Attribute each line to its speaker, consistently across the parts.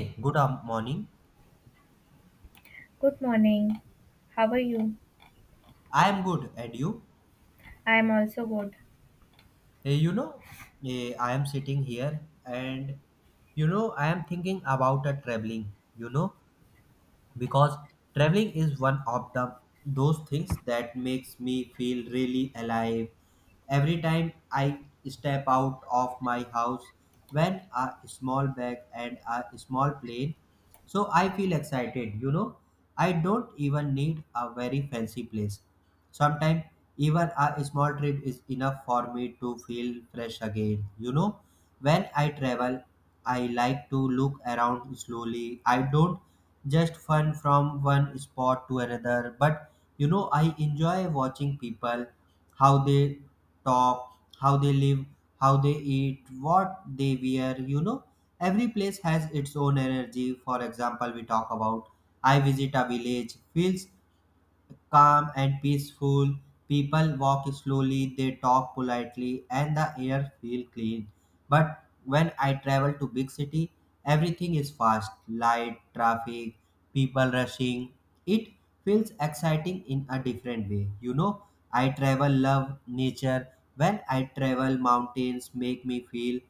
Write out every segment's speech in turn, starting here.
Speaker 1: Hey, good morning.
Speaker 2: Good morning. How are you?
Speaker 1: I am good, and you?
Speaker 2: I'm also good.
Speaker 1: Eh, you know, I am sitting here, and I am thinking about a traveling. You know, because traveling is one of the those things that makes me feel really alive. Every time I step out of my house, when a small bag and a small plane, so I feel excited. I don't even need a very fancy place. Sometimes even a small trip is enough for me to feel fresh again. When I travel, I like to look around slowly. I don't just fun from one spot to another, but I enjoy watching people, how they talk, how they live, how they eat, what they wear. Every place has its own energy. For example, we talk about I visit a village, feels calm and peaceful. People walk slowly, they talk politely, and the air feels clean. But when I travel to big city, everything is fast, light, traffic, people rushing. It feels exciting in a different way. I travel love nature. When I travel, mountains make me feel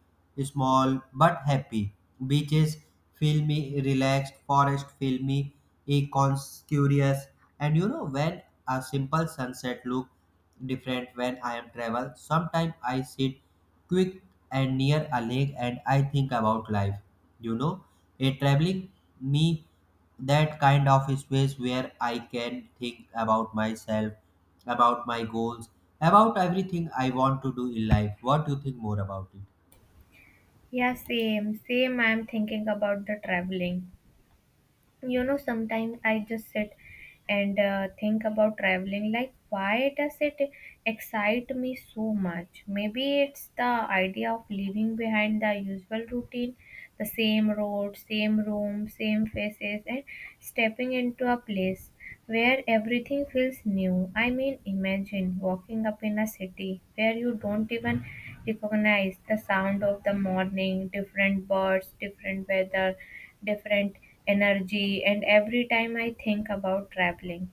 Speaker 1: small but happy. Beaches feel me relaxed. Forest feel me curious. And when a simple sunset look different when I am travel, sometimes I sit quick and near a lake and I think about life. You know, a traveling me that kind of space where I can think about myself, about my goals, about everything I want to do in life. What do you think more about it?
Speaker 2: Yeah, same. Same. I'm thinking about the traveling. Sometimes I just sit and think about traveling. Like, why does it excite me so much? Maybe it's the idea of leaving behind the usual routine, the same road, same room, same faces, and stepping into a place where everything feels new. I mean, imagine walking up in a city where you don't even recognize the sound of the morning, different birds, different weather, different energy. And every time I think about traveling,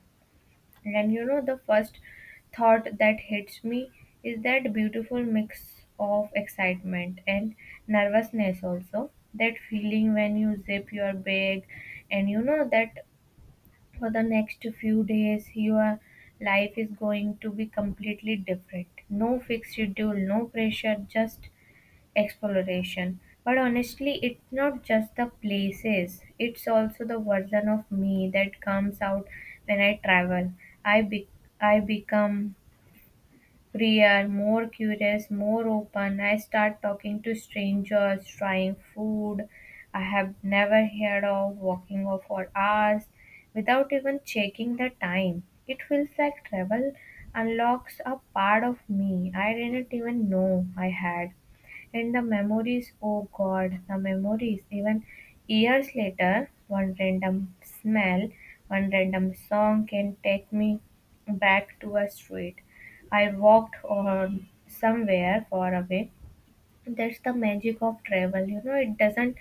Speaker 2: and the first thought that hits me is that beautiful mix of excitement and nervousness, also. That feeling when you zip your bag, and you know that for the next few days your life is going to be completely different, no fixed schedule, no pressure, just exploration. But honestly, it's not just the places, it's also the version of me that comes out when I travel. I be- i become freer, more curious, more open. I start talking to strangers, trying food I have never heard of, walking off for hours without even checking the time. It feels like travel unlocks a part of me I didn't even know I had. And the memories, oh god, the memories, even years later, one random smell, one random song can take me back to a street I walked on somewhere far away. That's the magic of travel. It doesn't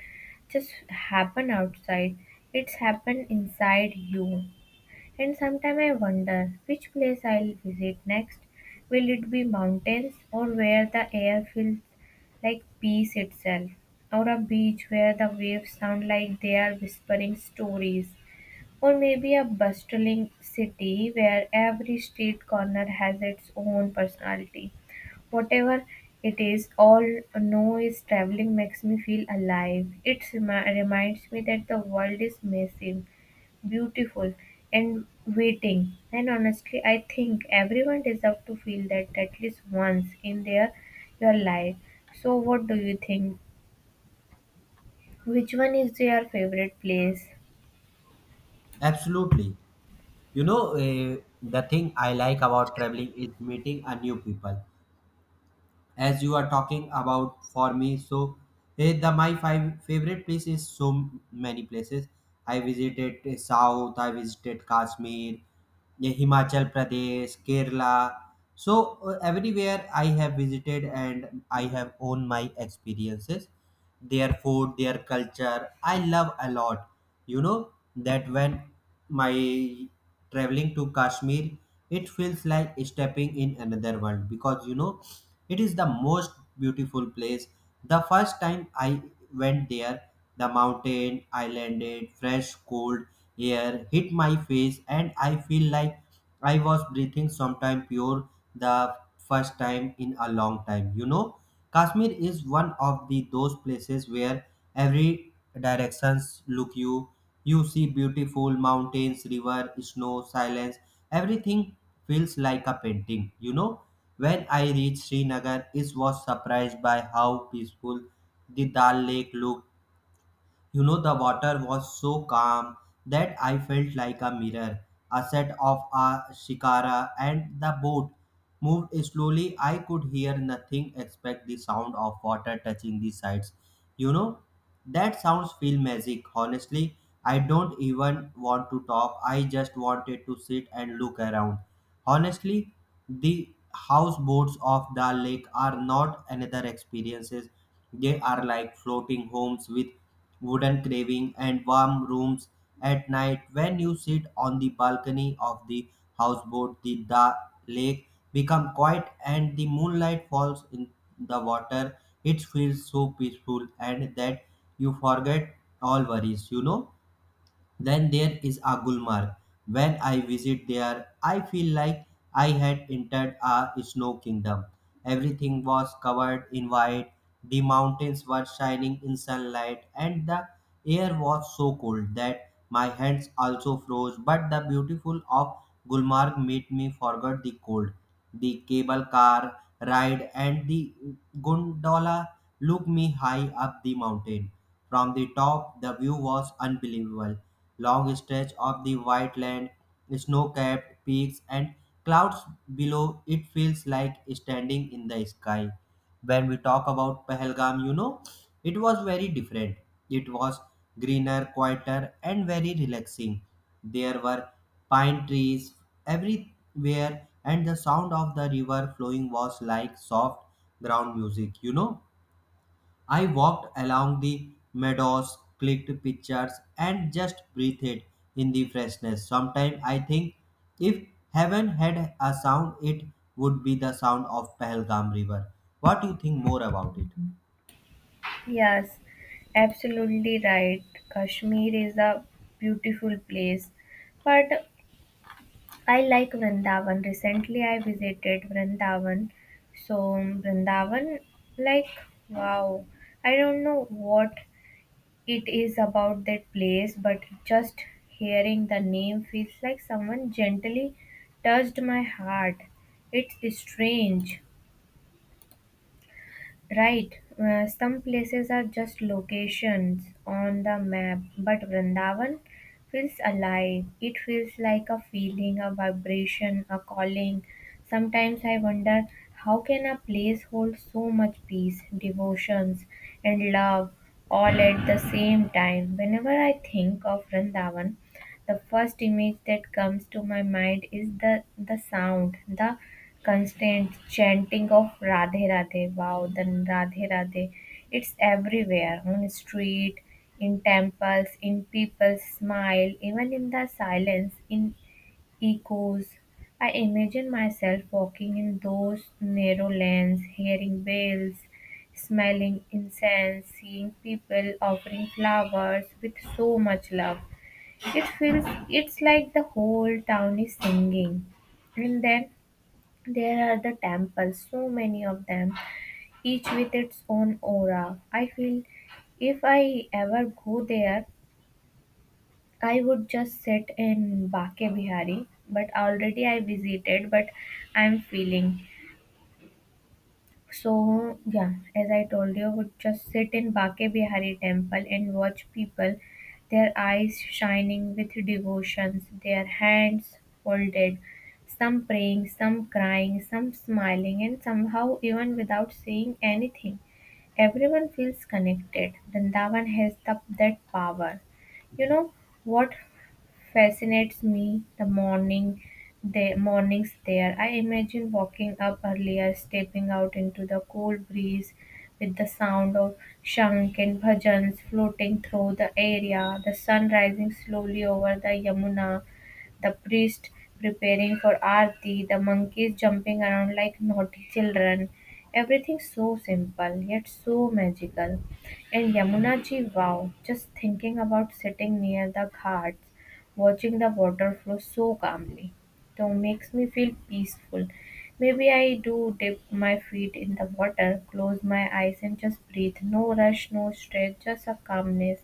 Speaker 2: just happen outside. It's happen inside you. And sometimes I wonder which place I'll visit next. Will it be mountains, or where the air feels like peace itself? Or a beach where the waves sound like they are whispering stories? Or maybe a bustling city where every street corner has its own personality. Whatever it is, all noise, traveling makes me feel alive. It reminds me that the world is massive, beautiful, and waiting. And honestly, I think everyone deserves to feel that at least once in their, your life. So, what do you think? Which one is your favorite place?
Speaker 1: Absolutely. The thing I like about traveling is meeting a new people. As you are talking about for me. So the my five favorite place is so many places. I visited South. I visited Kashmir, Himachal Pradesh, Kerala. So everywhere I have visited and I have owned my experiences, their food, their culture. I love a lot. You know that when my traveling to Kashmir, it feels like stepping in another world because it is the most beautiful place. The first time I went there, the mountain, I landed, fresh, cold air hit my face, and I feel like I was breathing sometime pure the first time in a long time. Kashmir is one of the those places where every directions look you. You see beautiful mountains, river, snow, silence. Everything feels like a painting. When I reached Srinagar, I was surprised by how peaceful the Dal Lake looked. The water was so calm that I felt like a mirror, a set of a shikara, and the boat moved slowly. I could hear nothing except the sound of water touching the sides. You know, that sounds feel magic. Honestly, I don't even want to talk. I just wanted to sit and look around. Honestly, the houseboats of the lake are not another experiences. They are like floating homes with wooden carving, and warm rooms at night. When you sit on the balcony of the houseboat, the lake become quiet and the moonlight falls in the water. It feels so peaceful and that you forget all worries. Then there is a Gulmarg. When I visit there, I feel like I had entered a snow kingdom. Everything was covered in white, the mountains were shining in sunlight, and the air was so cold that my hands also froze. But the beautiful of Gulmarg made me forget the cold. The cable car ride and the gondola looked me high up the mountain. From the top, the view was unbelievable. Long stretch of the white land, snow-capped peaks, and clouds below, it feels like standing in the sky. When we talk about Pahalgam, it was very different. It was greener, quieter, and very relaxing. There were pine trees everywhere, and the sound of the river flowing was like soft ground music. I walked along the meadows, clicked pictures, and just breathed in the freshness. Sometimes I think if heaven had a sound, it would be the sound of Pahalgam River. What do you think more about it?
Speaker 2: Yes, absolutely right. Kashmir is a beautiful place. But I like Vrindavan. Recently I visited Vrindavan. So Vrindavan, like, wow. I don't know what it is about that place, but just hearing the name feels like someone gently touched my heart. It's strange. Right, some places are just locations on the map, but Vrindavan feels alive. It feels like a feeling, a vibration, a calling. Sometimes I wonder how can a place hold so much peace, devotions, and love all at the same time. Whenever I think of Vrindavan, the first image that comes to my mind is the sound, the constant chanting of Radhe Radhe. Wow, the Radhe Radhe. It's everywhere, on street, in temples, in people's smile, even in the silence, in echoes. I imagine myself walking in those narrow lanes, hearing bells, smelling incense, seeing people offering flowers with so much love. It feels, it's like the whole town is singing. And then there are the temples, so many of them, each with its own aura. I feel if I ever go there, I would just sit in Bake Bihari. But already I visited, but I'm feeling. So yeah, as I told you, would just sit in Bake Bihari temple and watch people, their eyes shining with devotions, their hands folded, some praying, some crying, some smiling, and somehow, even without saying anything, everyone feels connected. Vrindavan has that power. You know what? Fascinates me the morning, the mornings there. I imagine walking up earlier, stepping out into the cool breeze with the sound of shank and bhajans floating through the area, the sun rising slowly over the Yamuna, the priest preparing for Aarti, the monkeys jumping around like naughty children. Everything so simple yet so magical. And Yamunaji, wow, just thinking about sitting near the ghats, watching the water flow so calmly though makes me feel peaceful. Maybe I do dip my feet in the water, close my eyes, and just breathe. No rush, no stress, just a calmness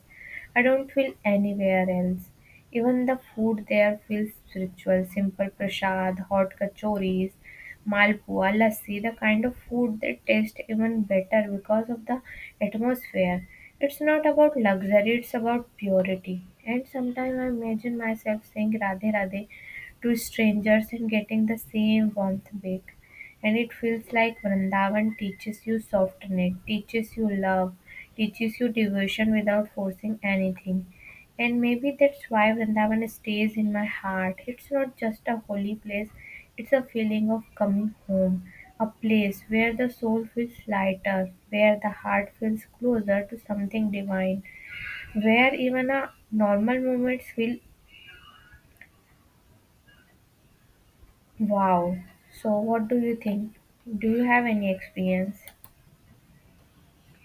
Speaker 2: I don't feel anywhere else. Even the food there feels spiritual. Simple prasad, hot kachoris, malpua, lassi, the kind of food that tastes even better because of the atmosphere. It's not about luxury, it's about purity. And sometimes I imagine myself saying Radhe Radhe to strangers and getting the same warmth back. And it feels like Vrindavan teaches you softness, teaches you love, teaches you devotion without forcing anything. And maybe that's why Vrindavan stays in my heart. It's not just a holy place, it's a feeling of coming home, a place where the soul feels lighter, where the heart feels closer to something divine, where even a normal moments feel wow. So, what do you think? Do you have any experience?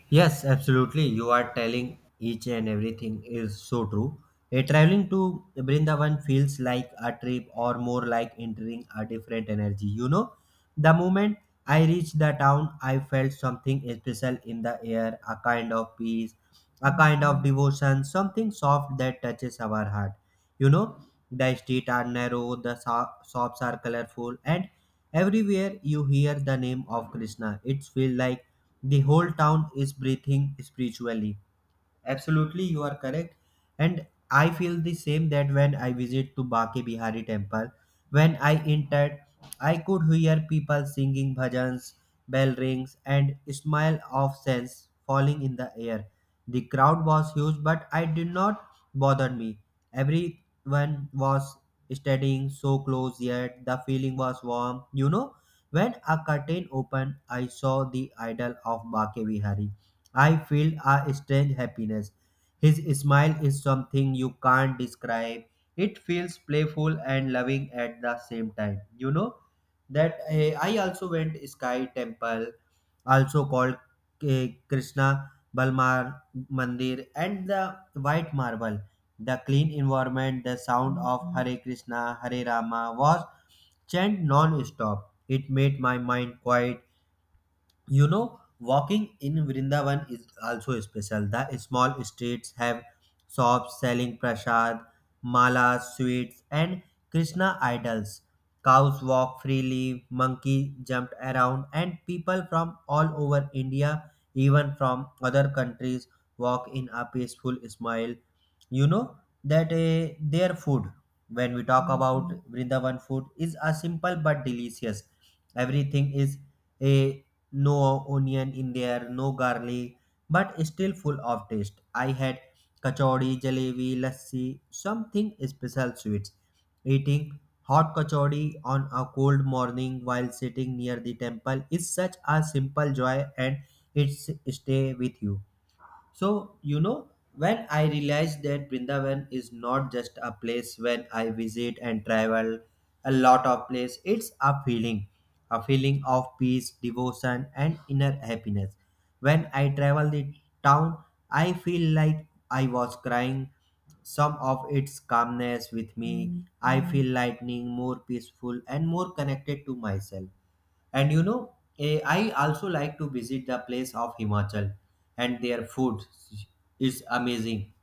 Speaker 1: Yes, absolutely. You are telling each and everything is so true. A traveling to Brindavan feels like a trip or more like entering a different energy. The moment I reached the town, I felt something special in the air, a kind of peace, a kind of devotion, something soft that touches our heart. You know, the streets are narrow, the shops are colorful, and everywhere you hear the name of Krishna. It feels like the whole town is breathing spiritually. Absolutely, you are correct. And I feel the same that when I visit to Bake Bihari temple, when I entered, I could hear people singing bhajans, bell rings, and smile of scents falling in the air. The crowd was huge, but I did not bother me. Everyone was studying so close, yet the feeling was warm. When a curtain opened, I saw the idol of Bake Bihari I feel a strange happiness. His smile is something you can't describe. It feels playful and loving at the same time. I also went Sky Temple, also called Krishna Balmar Mandir, and the White Marble. The clean environment, the sound of Hare Krishna, Hare Rama was chant non-stop. It made my mind quiet. Walking in Vrindavan is also special. The small streets have shops selling prasad, malas, sweets, and Krishna idols. Cows walk freely, monkey jumped around, and people from all over India, even from other countries, walk in a peaceful smile. You know their food, when we talk about Vrindavan food, is a simple but delicious. Everything is a no onion in there, no garlic, but still full of taste. I had kachori, jalebi, lassi, something special sweets. Eating hot kachori on a cold morning while sitting near the temple is such a simple joy and it stay with you. So, when I realized that Brindavan is not just a place when I visit and travel a lot of place, it's a feeling of peace, devotion, and inner happiness. When I travel the town, I feel like I was crying some of its calmness with me. I feel lightning, more peaceful, and more connected to myself. And I also like to visit the place of Himachal and their food is amazing.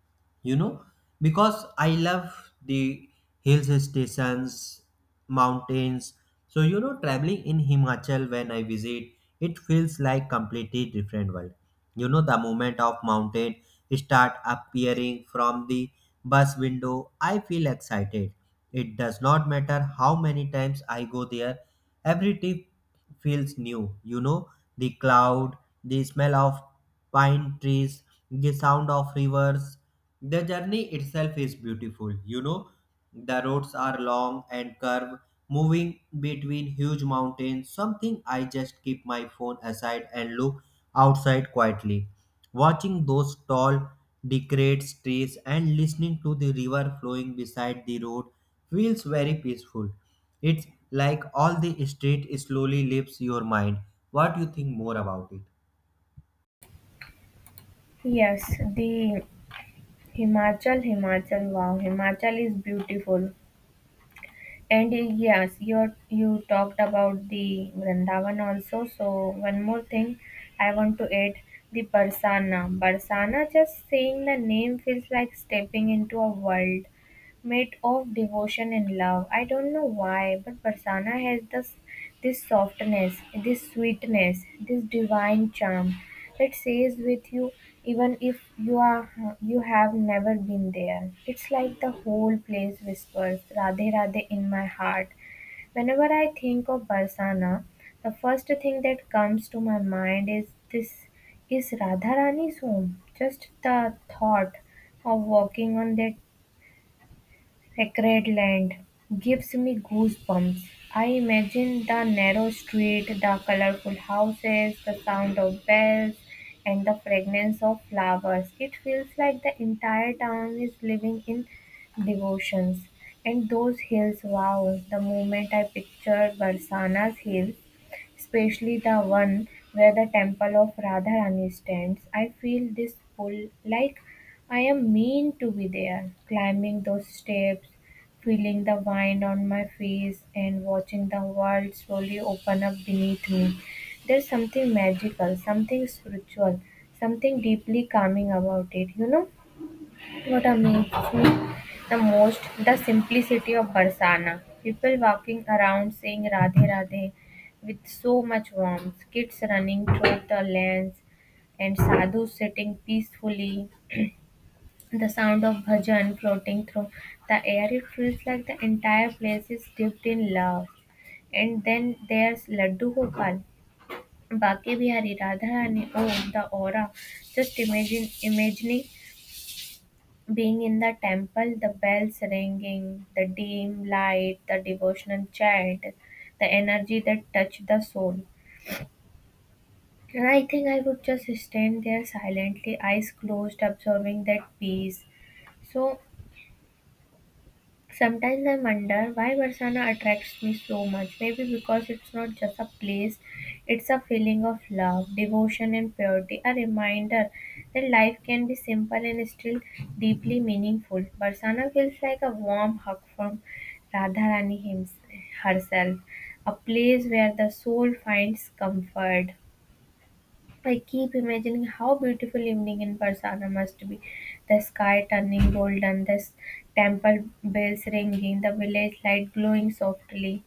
Speaker 1: You know, because I love the hills stations, mountains. So, traveling in Himachal when I visit, it feels like completely different world. The movement of mountain start appearing from the bus window. I feel excited. It does not matter how many times I go there. Every trip feels new. The cloud, the smell of pine trees, the sound of rivers. The journey itself is beautiful. The roads are long and curved, moving between huge mountains. Something I just keep my phone aside and look outside quietly. Watching those tall, decayed trees and listening to the river flowing beside the road feels very peaceful. It's like all the street slowly leaves your mind. What do you think more about it?
Speaker 2: Yes, the Himachal, Himachal, wow, Himachal is beautiful. And yes, you talked about the Vrindavan also. So one more thing, I want to add the Barsana. Barsana, just saying the name feels like stepping into a world made of devotion and love. I don't know why, but Barsana has this softness, this sweetness, this divine charm that stays with you, even if you have never been there. It's like the whole place whispers Radhe Radhe in my heart. Whenever I think of Barsana, the first thing that comes to my mind is this, is Radharani's home. Just the thought of walking on that sacred land gives me goosebumps. I imagine the narrow street, the colorful houses, the sound of bells, and the fragrance of flowers. It feels like the entire town is living in devotions. And those hills, wow, the moment I picture Barsana's hill, especially the one where the temple of Radharani stands. I feel this pull, like I am meant to be there, climbing those steps, feeling the wind on my face, and watching the world slowly open up beneath me. There's something magical, something spiritual, something deeply calming about it, you know? What amazes me the most, the simplicity of Barsana. People walking around saying Radhe Radhe with so much warmth, kids running through the lanes, and sadhus sitting peacefully. The sound of bhajan floating through the air, it feels like the entire place is dipped in love. And then there's Laddu Gopal, Baki Bihari, Radharani, oh, the aura. Just imagine, imagining being in the temple, the bells ringing, the dim light, the devotional chant, the energy that touched the soul. And I think I would just stand there silently, eyes closed, absorbing that peace. So sometimes I wonder why Barsana attracts me so much. Maybe because it's not just a place, it's a feeling of love, devotion, and purity. A reminder that life can be simple and still deeply meaningful. Barsana feels like a warm hug from Radharani herself, a place where the soul finds comfort. I keep imagining how beautiful evening in Barsana must be. The sky turning golden, the temple bells ringing, the village light glowing softly.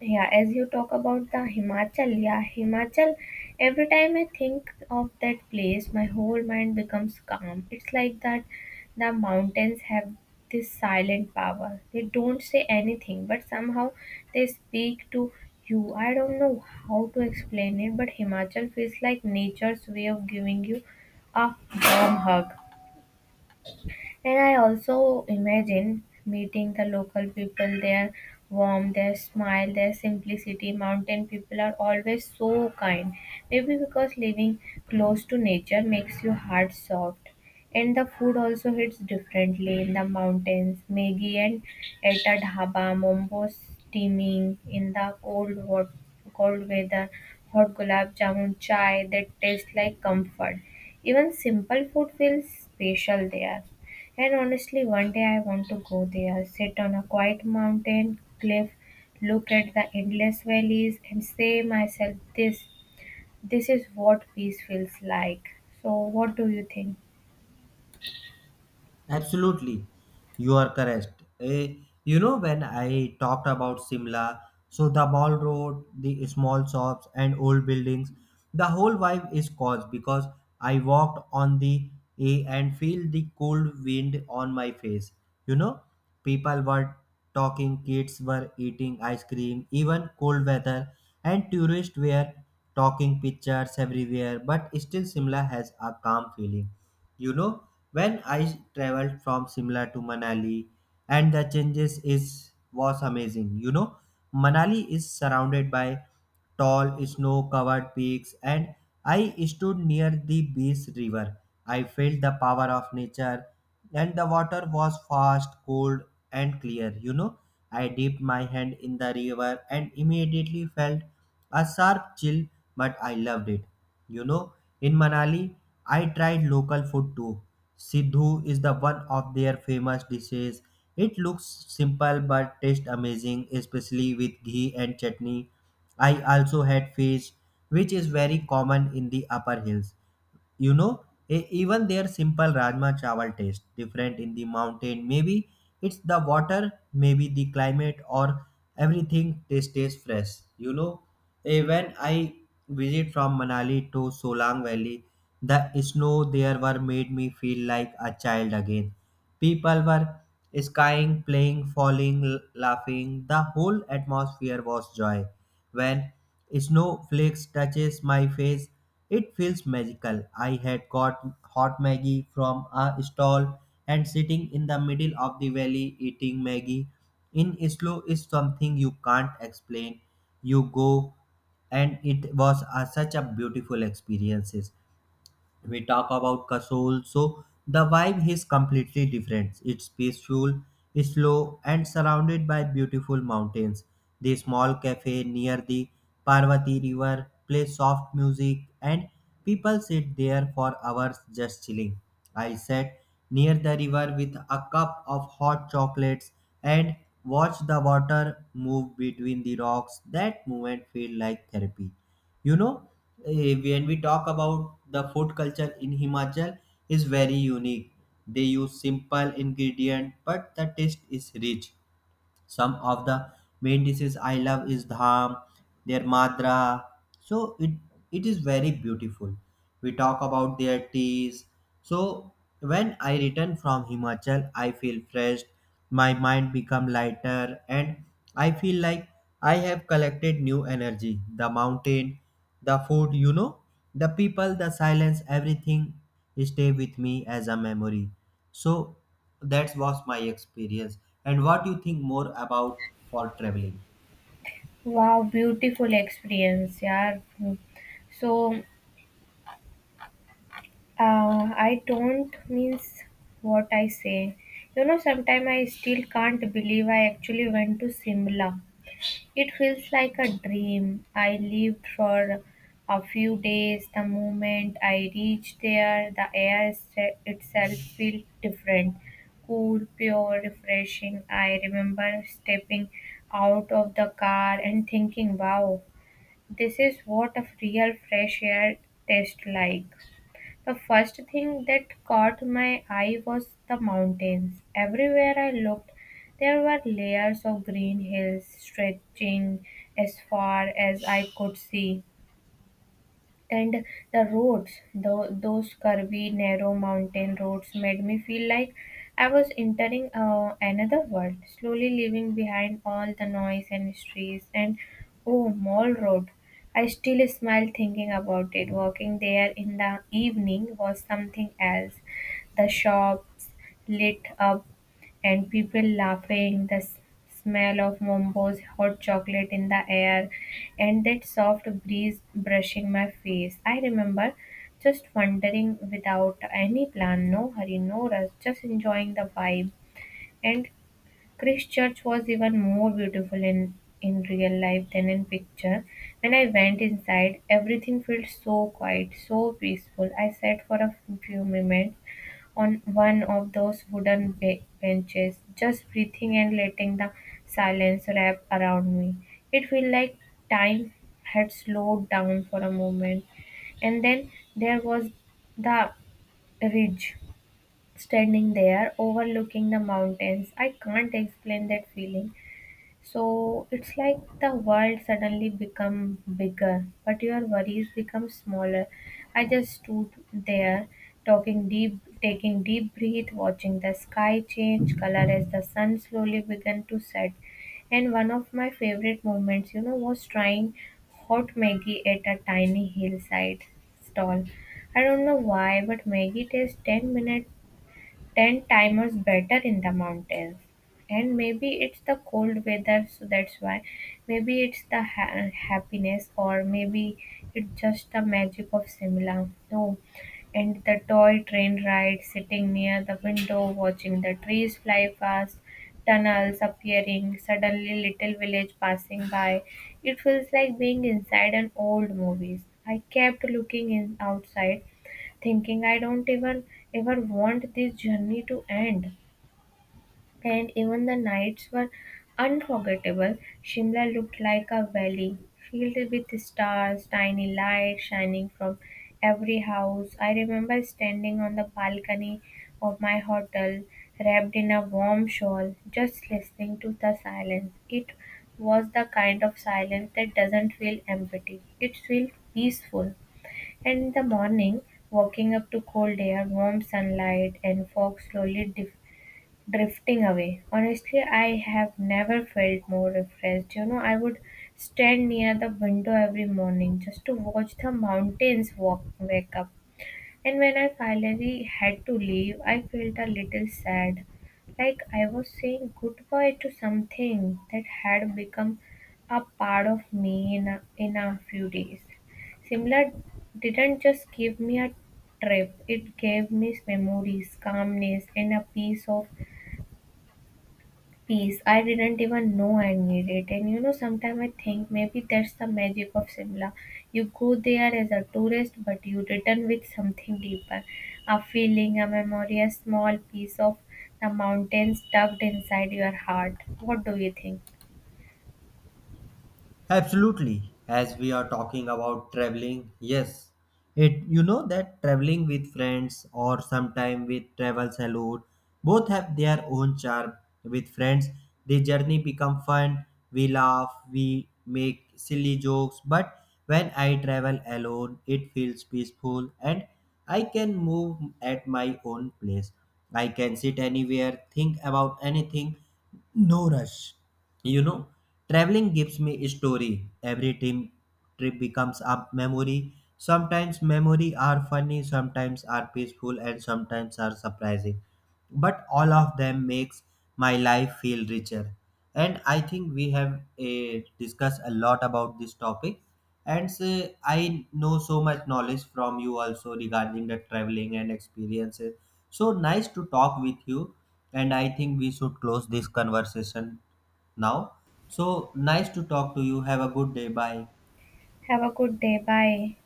Speaker 2: Yeah, as you talk about the Himachal, yeah, Himachal, every time I think of that place, my whole mind becomes calm. It's like that the mountains have this silent power. They don't say anything, but somehow they speak to you. I don't know how to explain it, but Himachal feels like nature's way of giving you a warm hug. And I also imagine meeting the local people, their warmth, their smile, their simplicity. Mountain people are always so kind. Maybe because living close to nature makes your heart soft. And the food also hits differently in the mountains. Maggie and at a dhaba, mombo steaming in the cold, hot, cold weather, hot gulab jamun, chai that taste like comfort. Even simple food feels special there. And honestly, one day I want to go there, sit on a quiet mountain cliff, look at the endless valleys, and say myself, This is what peace feels like." So, what do you think?
Speaker 1: Absolutely, you are correct. When I talked about Simla, so the mall road, the small shops, and old buildings, the whole vibe is caused because I walked on the and feel the cold wind on my face. You know, People were talking, kids were eating ice cream, even cold weather, and tourists were talking pictures everywhere. But still, Simla has a calm feeling you know when I traveled from Simla to Manali and the changes is was amazing. Manali is surrounded by tall snow covered peaks and I stood near the beach river. I felt the power of nature and the water was fast, cold, and clear. I dipped my hand in the river and immediately felt a sharp chill, but I loved it. You know, in Manali, I tried local food too. Sidhu is the one of their famous dishes. It looks simple but tastes amazing, especially with ghee and chutney. I also had fish, which is very common in the upper hills you know Even their simple rajma chawal taste different in the mountain, maybe it's the water, maybe the climate, or everything tastes fresh. When I visit from Manali to Solang Valley, the snow there were made me feel like a child again. People were skiing, playing, falling, laughing. The whole atmosphere was joy. When snowflakes touches my face, it feels magical. I had got hot Maggie from a stall and sitting in the middle of the valley eating Maggie in slow is something you can't explain. You go and it was such a beautiful experience. We talk about Kasol, so the vibe is completely different. It's peaceful, slow, and surrounded by beautiful mountains. The small cafe near the Parvati River plays soft music, and people sit there for hours just chilling. I sat near the river with a cup of hot chocolates and watched the water move between the rocks. That moment felt like therapy you know when we talk about the food culture in Himachal, is very unique. They use simple ingredient but the taste is rich. Some of the main dishes I love is dham, their madra, so it is very beautiful. We talk about their teas. So when I return from Himachal, I feel fresh. My mind become lighter and I feel like I have collected new energy. The mountain, the food, the people, the silence, everything stay with me as a memory. So that was my experience, and what you think more about for traveling?
Speaker 2: Wow, beautiful experience, yeah. So, uh, I don't means what I say. Sometimes I still can't believe I actually went to Simla. It feels like a dream. I lived for a few days. The moment I reached there, the air itself felt different, cool, pure, refreshing. I remember stepping out of the car and thinking, wow, this is what a real fresh air tastes like. The first thing that caught my eye was the mountains. Everywhere I looked, there were layers of green hills stretching as far as I could see, and the roads, those curvy, narrow mountain roads, made me feel like I was entering another world, slowly leaving behind all the noise and streets. And oh, Mall Road! I still smile thinking about it. Walking there in the evening was something else. The shops lit up and people laughing, the smell of Mombo's hot chocolate in the air, and that soft breeze brushing my face. I remember just wandering without any plan, no hurry, no rush, just enjoying the vibe. And Christchurch was even more beautiful in real life than in picture. When I went inside, everything felt so quiet, so peaceful. I sat for a few moments on one of those wooden benches, just breathing and letting the silence wrap around me. It felt like time had slowed down for a moment. And then there was the ridge, standing there overlooking the mountains. I can't explain that feeling. So it's like the world suddenly become bigger, but your worries become smaller. I just stood there, talking deep, taking deep breath, watching the sky change color as the sun slowly began to set. And one of my favorite moments, was trying hot Maggie at a tiny hillside stall. I don't know why, but Maggie tastes 10 minutes ten-timers better in the mountains. And maybe it's the cold weather, so that's why. Maybe it's the happiness, or maybe it's just the magic of Simla. No, and the toy train ride, sitting near the window, watching the trees fly past, tunnels appearing, suddenly little village passing by. It feels like being inside an old movies. I kept looking in outside thinking I don't even ever want this journey to end. And even the nights were unforgettable. Shimla looked like a valley filled with stars, tiny lights shining from every house. I remember standing on the balcony of my hotel, wrapped in a warm shawl, just listening to the silence. It was the kind of silence that doesn't feel empty, it feels peaceful. And in the morning, waking up to cold air, warm sunlight, and fog slowly drifting away. Honestly, I have never felt more refreshed. I would stand near the window every morning just to watch the mountains walk, wake up, and when I finally had to leave, I felt a little sad, like I was saying goodbye to something that had become a part of me in a few days. Simla didn't just give me a trip, it gave me memories, calmness, and a piece of peace. I didn't even know I needed it. And sometimes I think maybe that's the magic of Simla. You go there as a tourist, but you return with something deeper, a feeling, a memory, a small piece of the mountains tucked inside your heart. What do you think?
Speaker 1: Absolutely. As we are talking about traveling, yes. It that traveling with friends or sometime with travel saloon, both have their own charm. With friends, the journey become fun. We laugh, we make silly jokes, but when I travel alone, it feels peaceful and I can move at my own place. I can sit anywhere, think about anything, no rush. You know, Traveling gives me a story. Every team trip becomes a memory. Sometimes memory are funny, sometimes are peaceful, and sometimes are surprising. But all of them makes my life feel richer, and I think we have discussed a lot about this topic, and say, I know so much knowledge from you also regarding the traveling and experiences. So nice to talk with you, and I think we should close this conversation now. So nice to talk to you. Have a good day. Bye.
Speaker 2: Have a good day. Bye.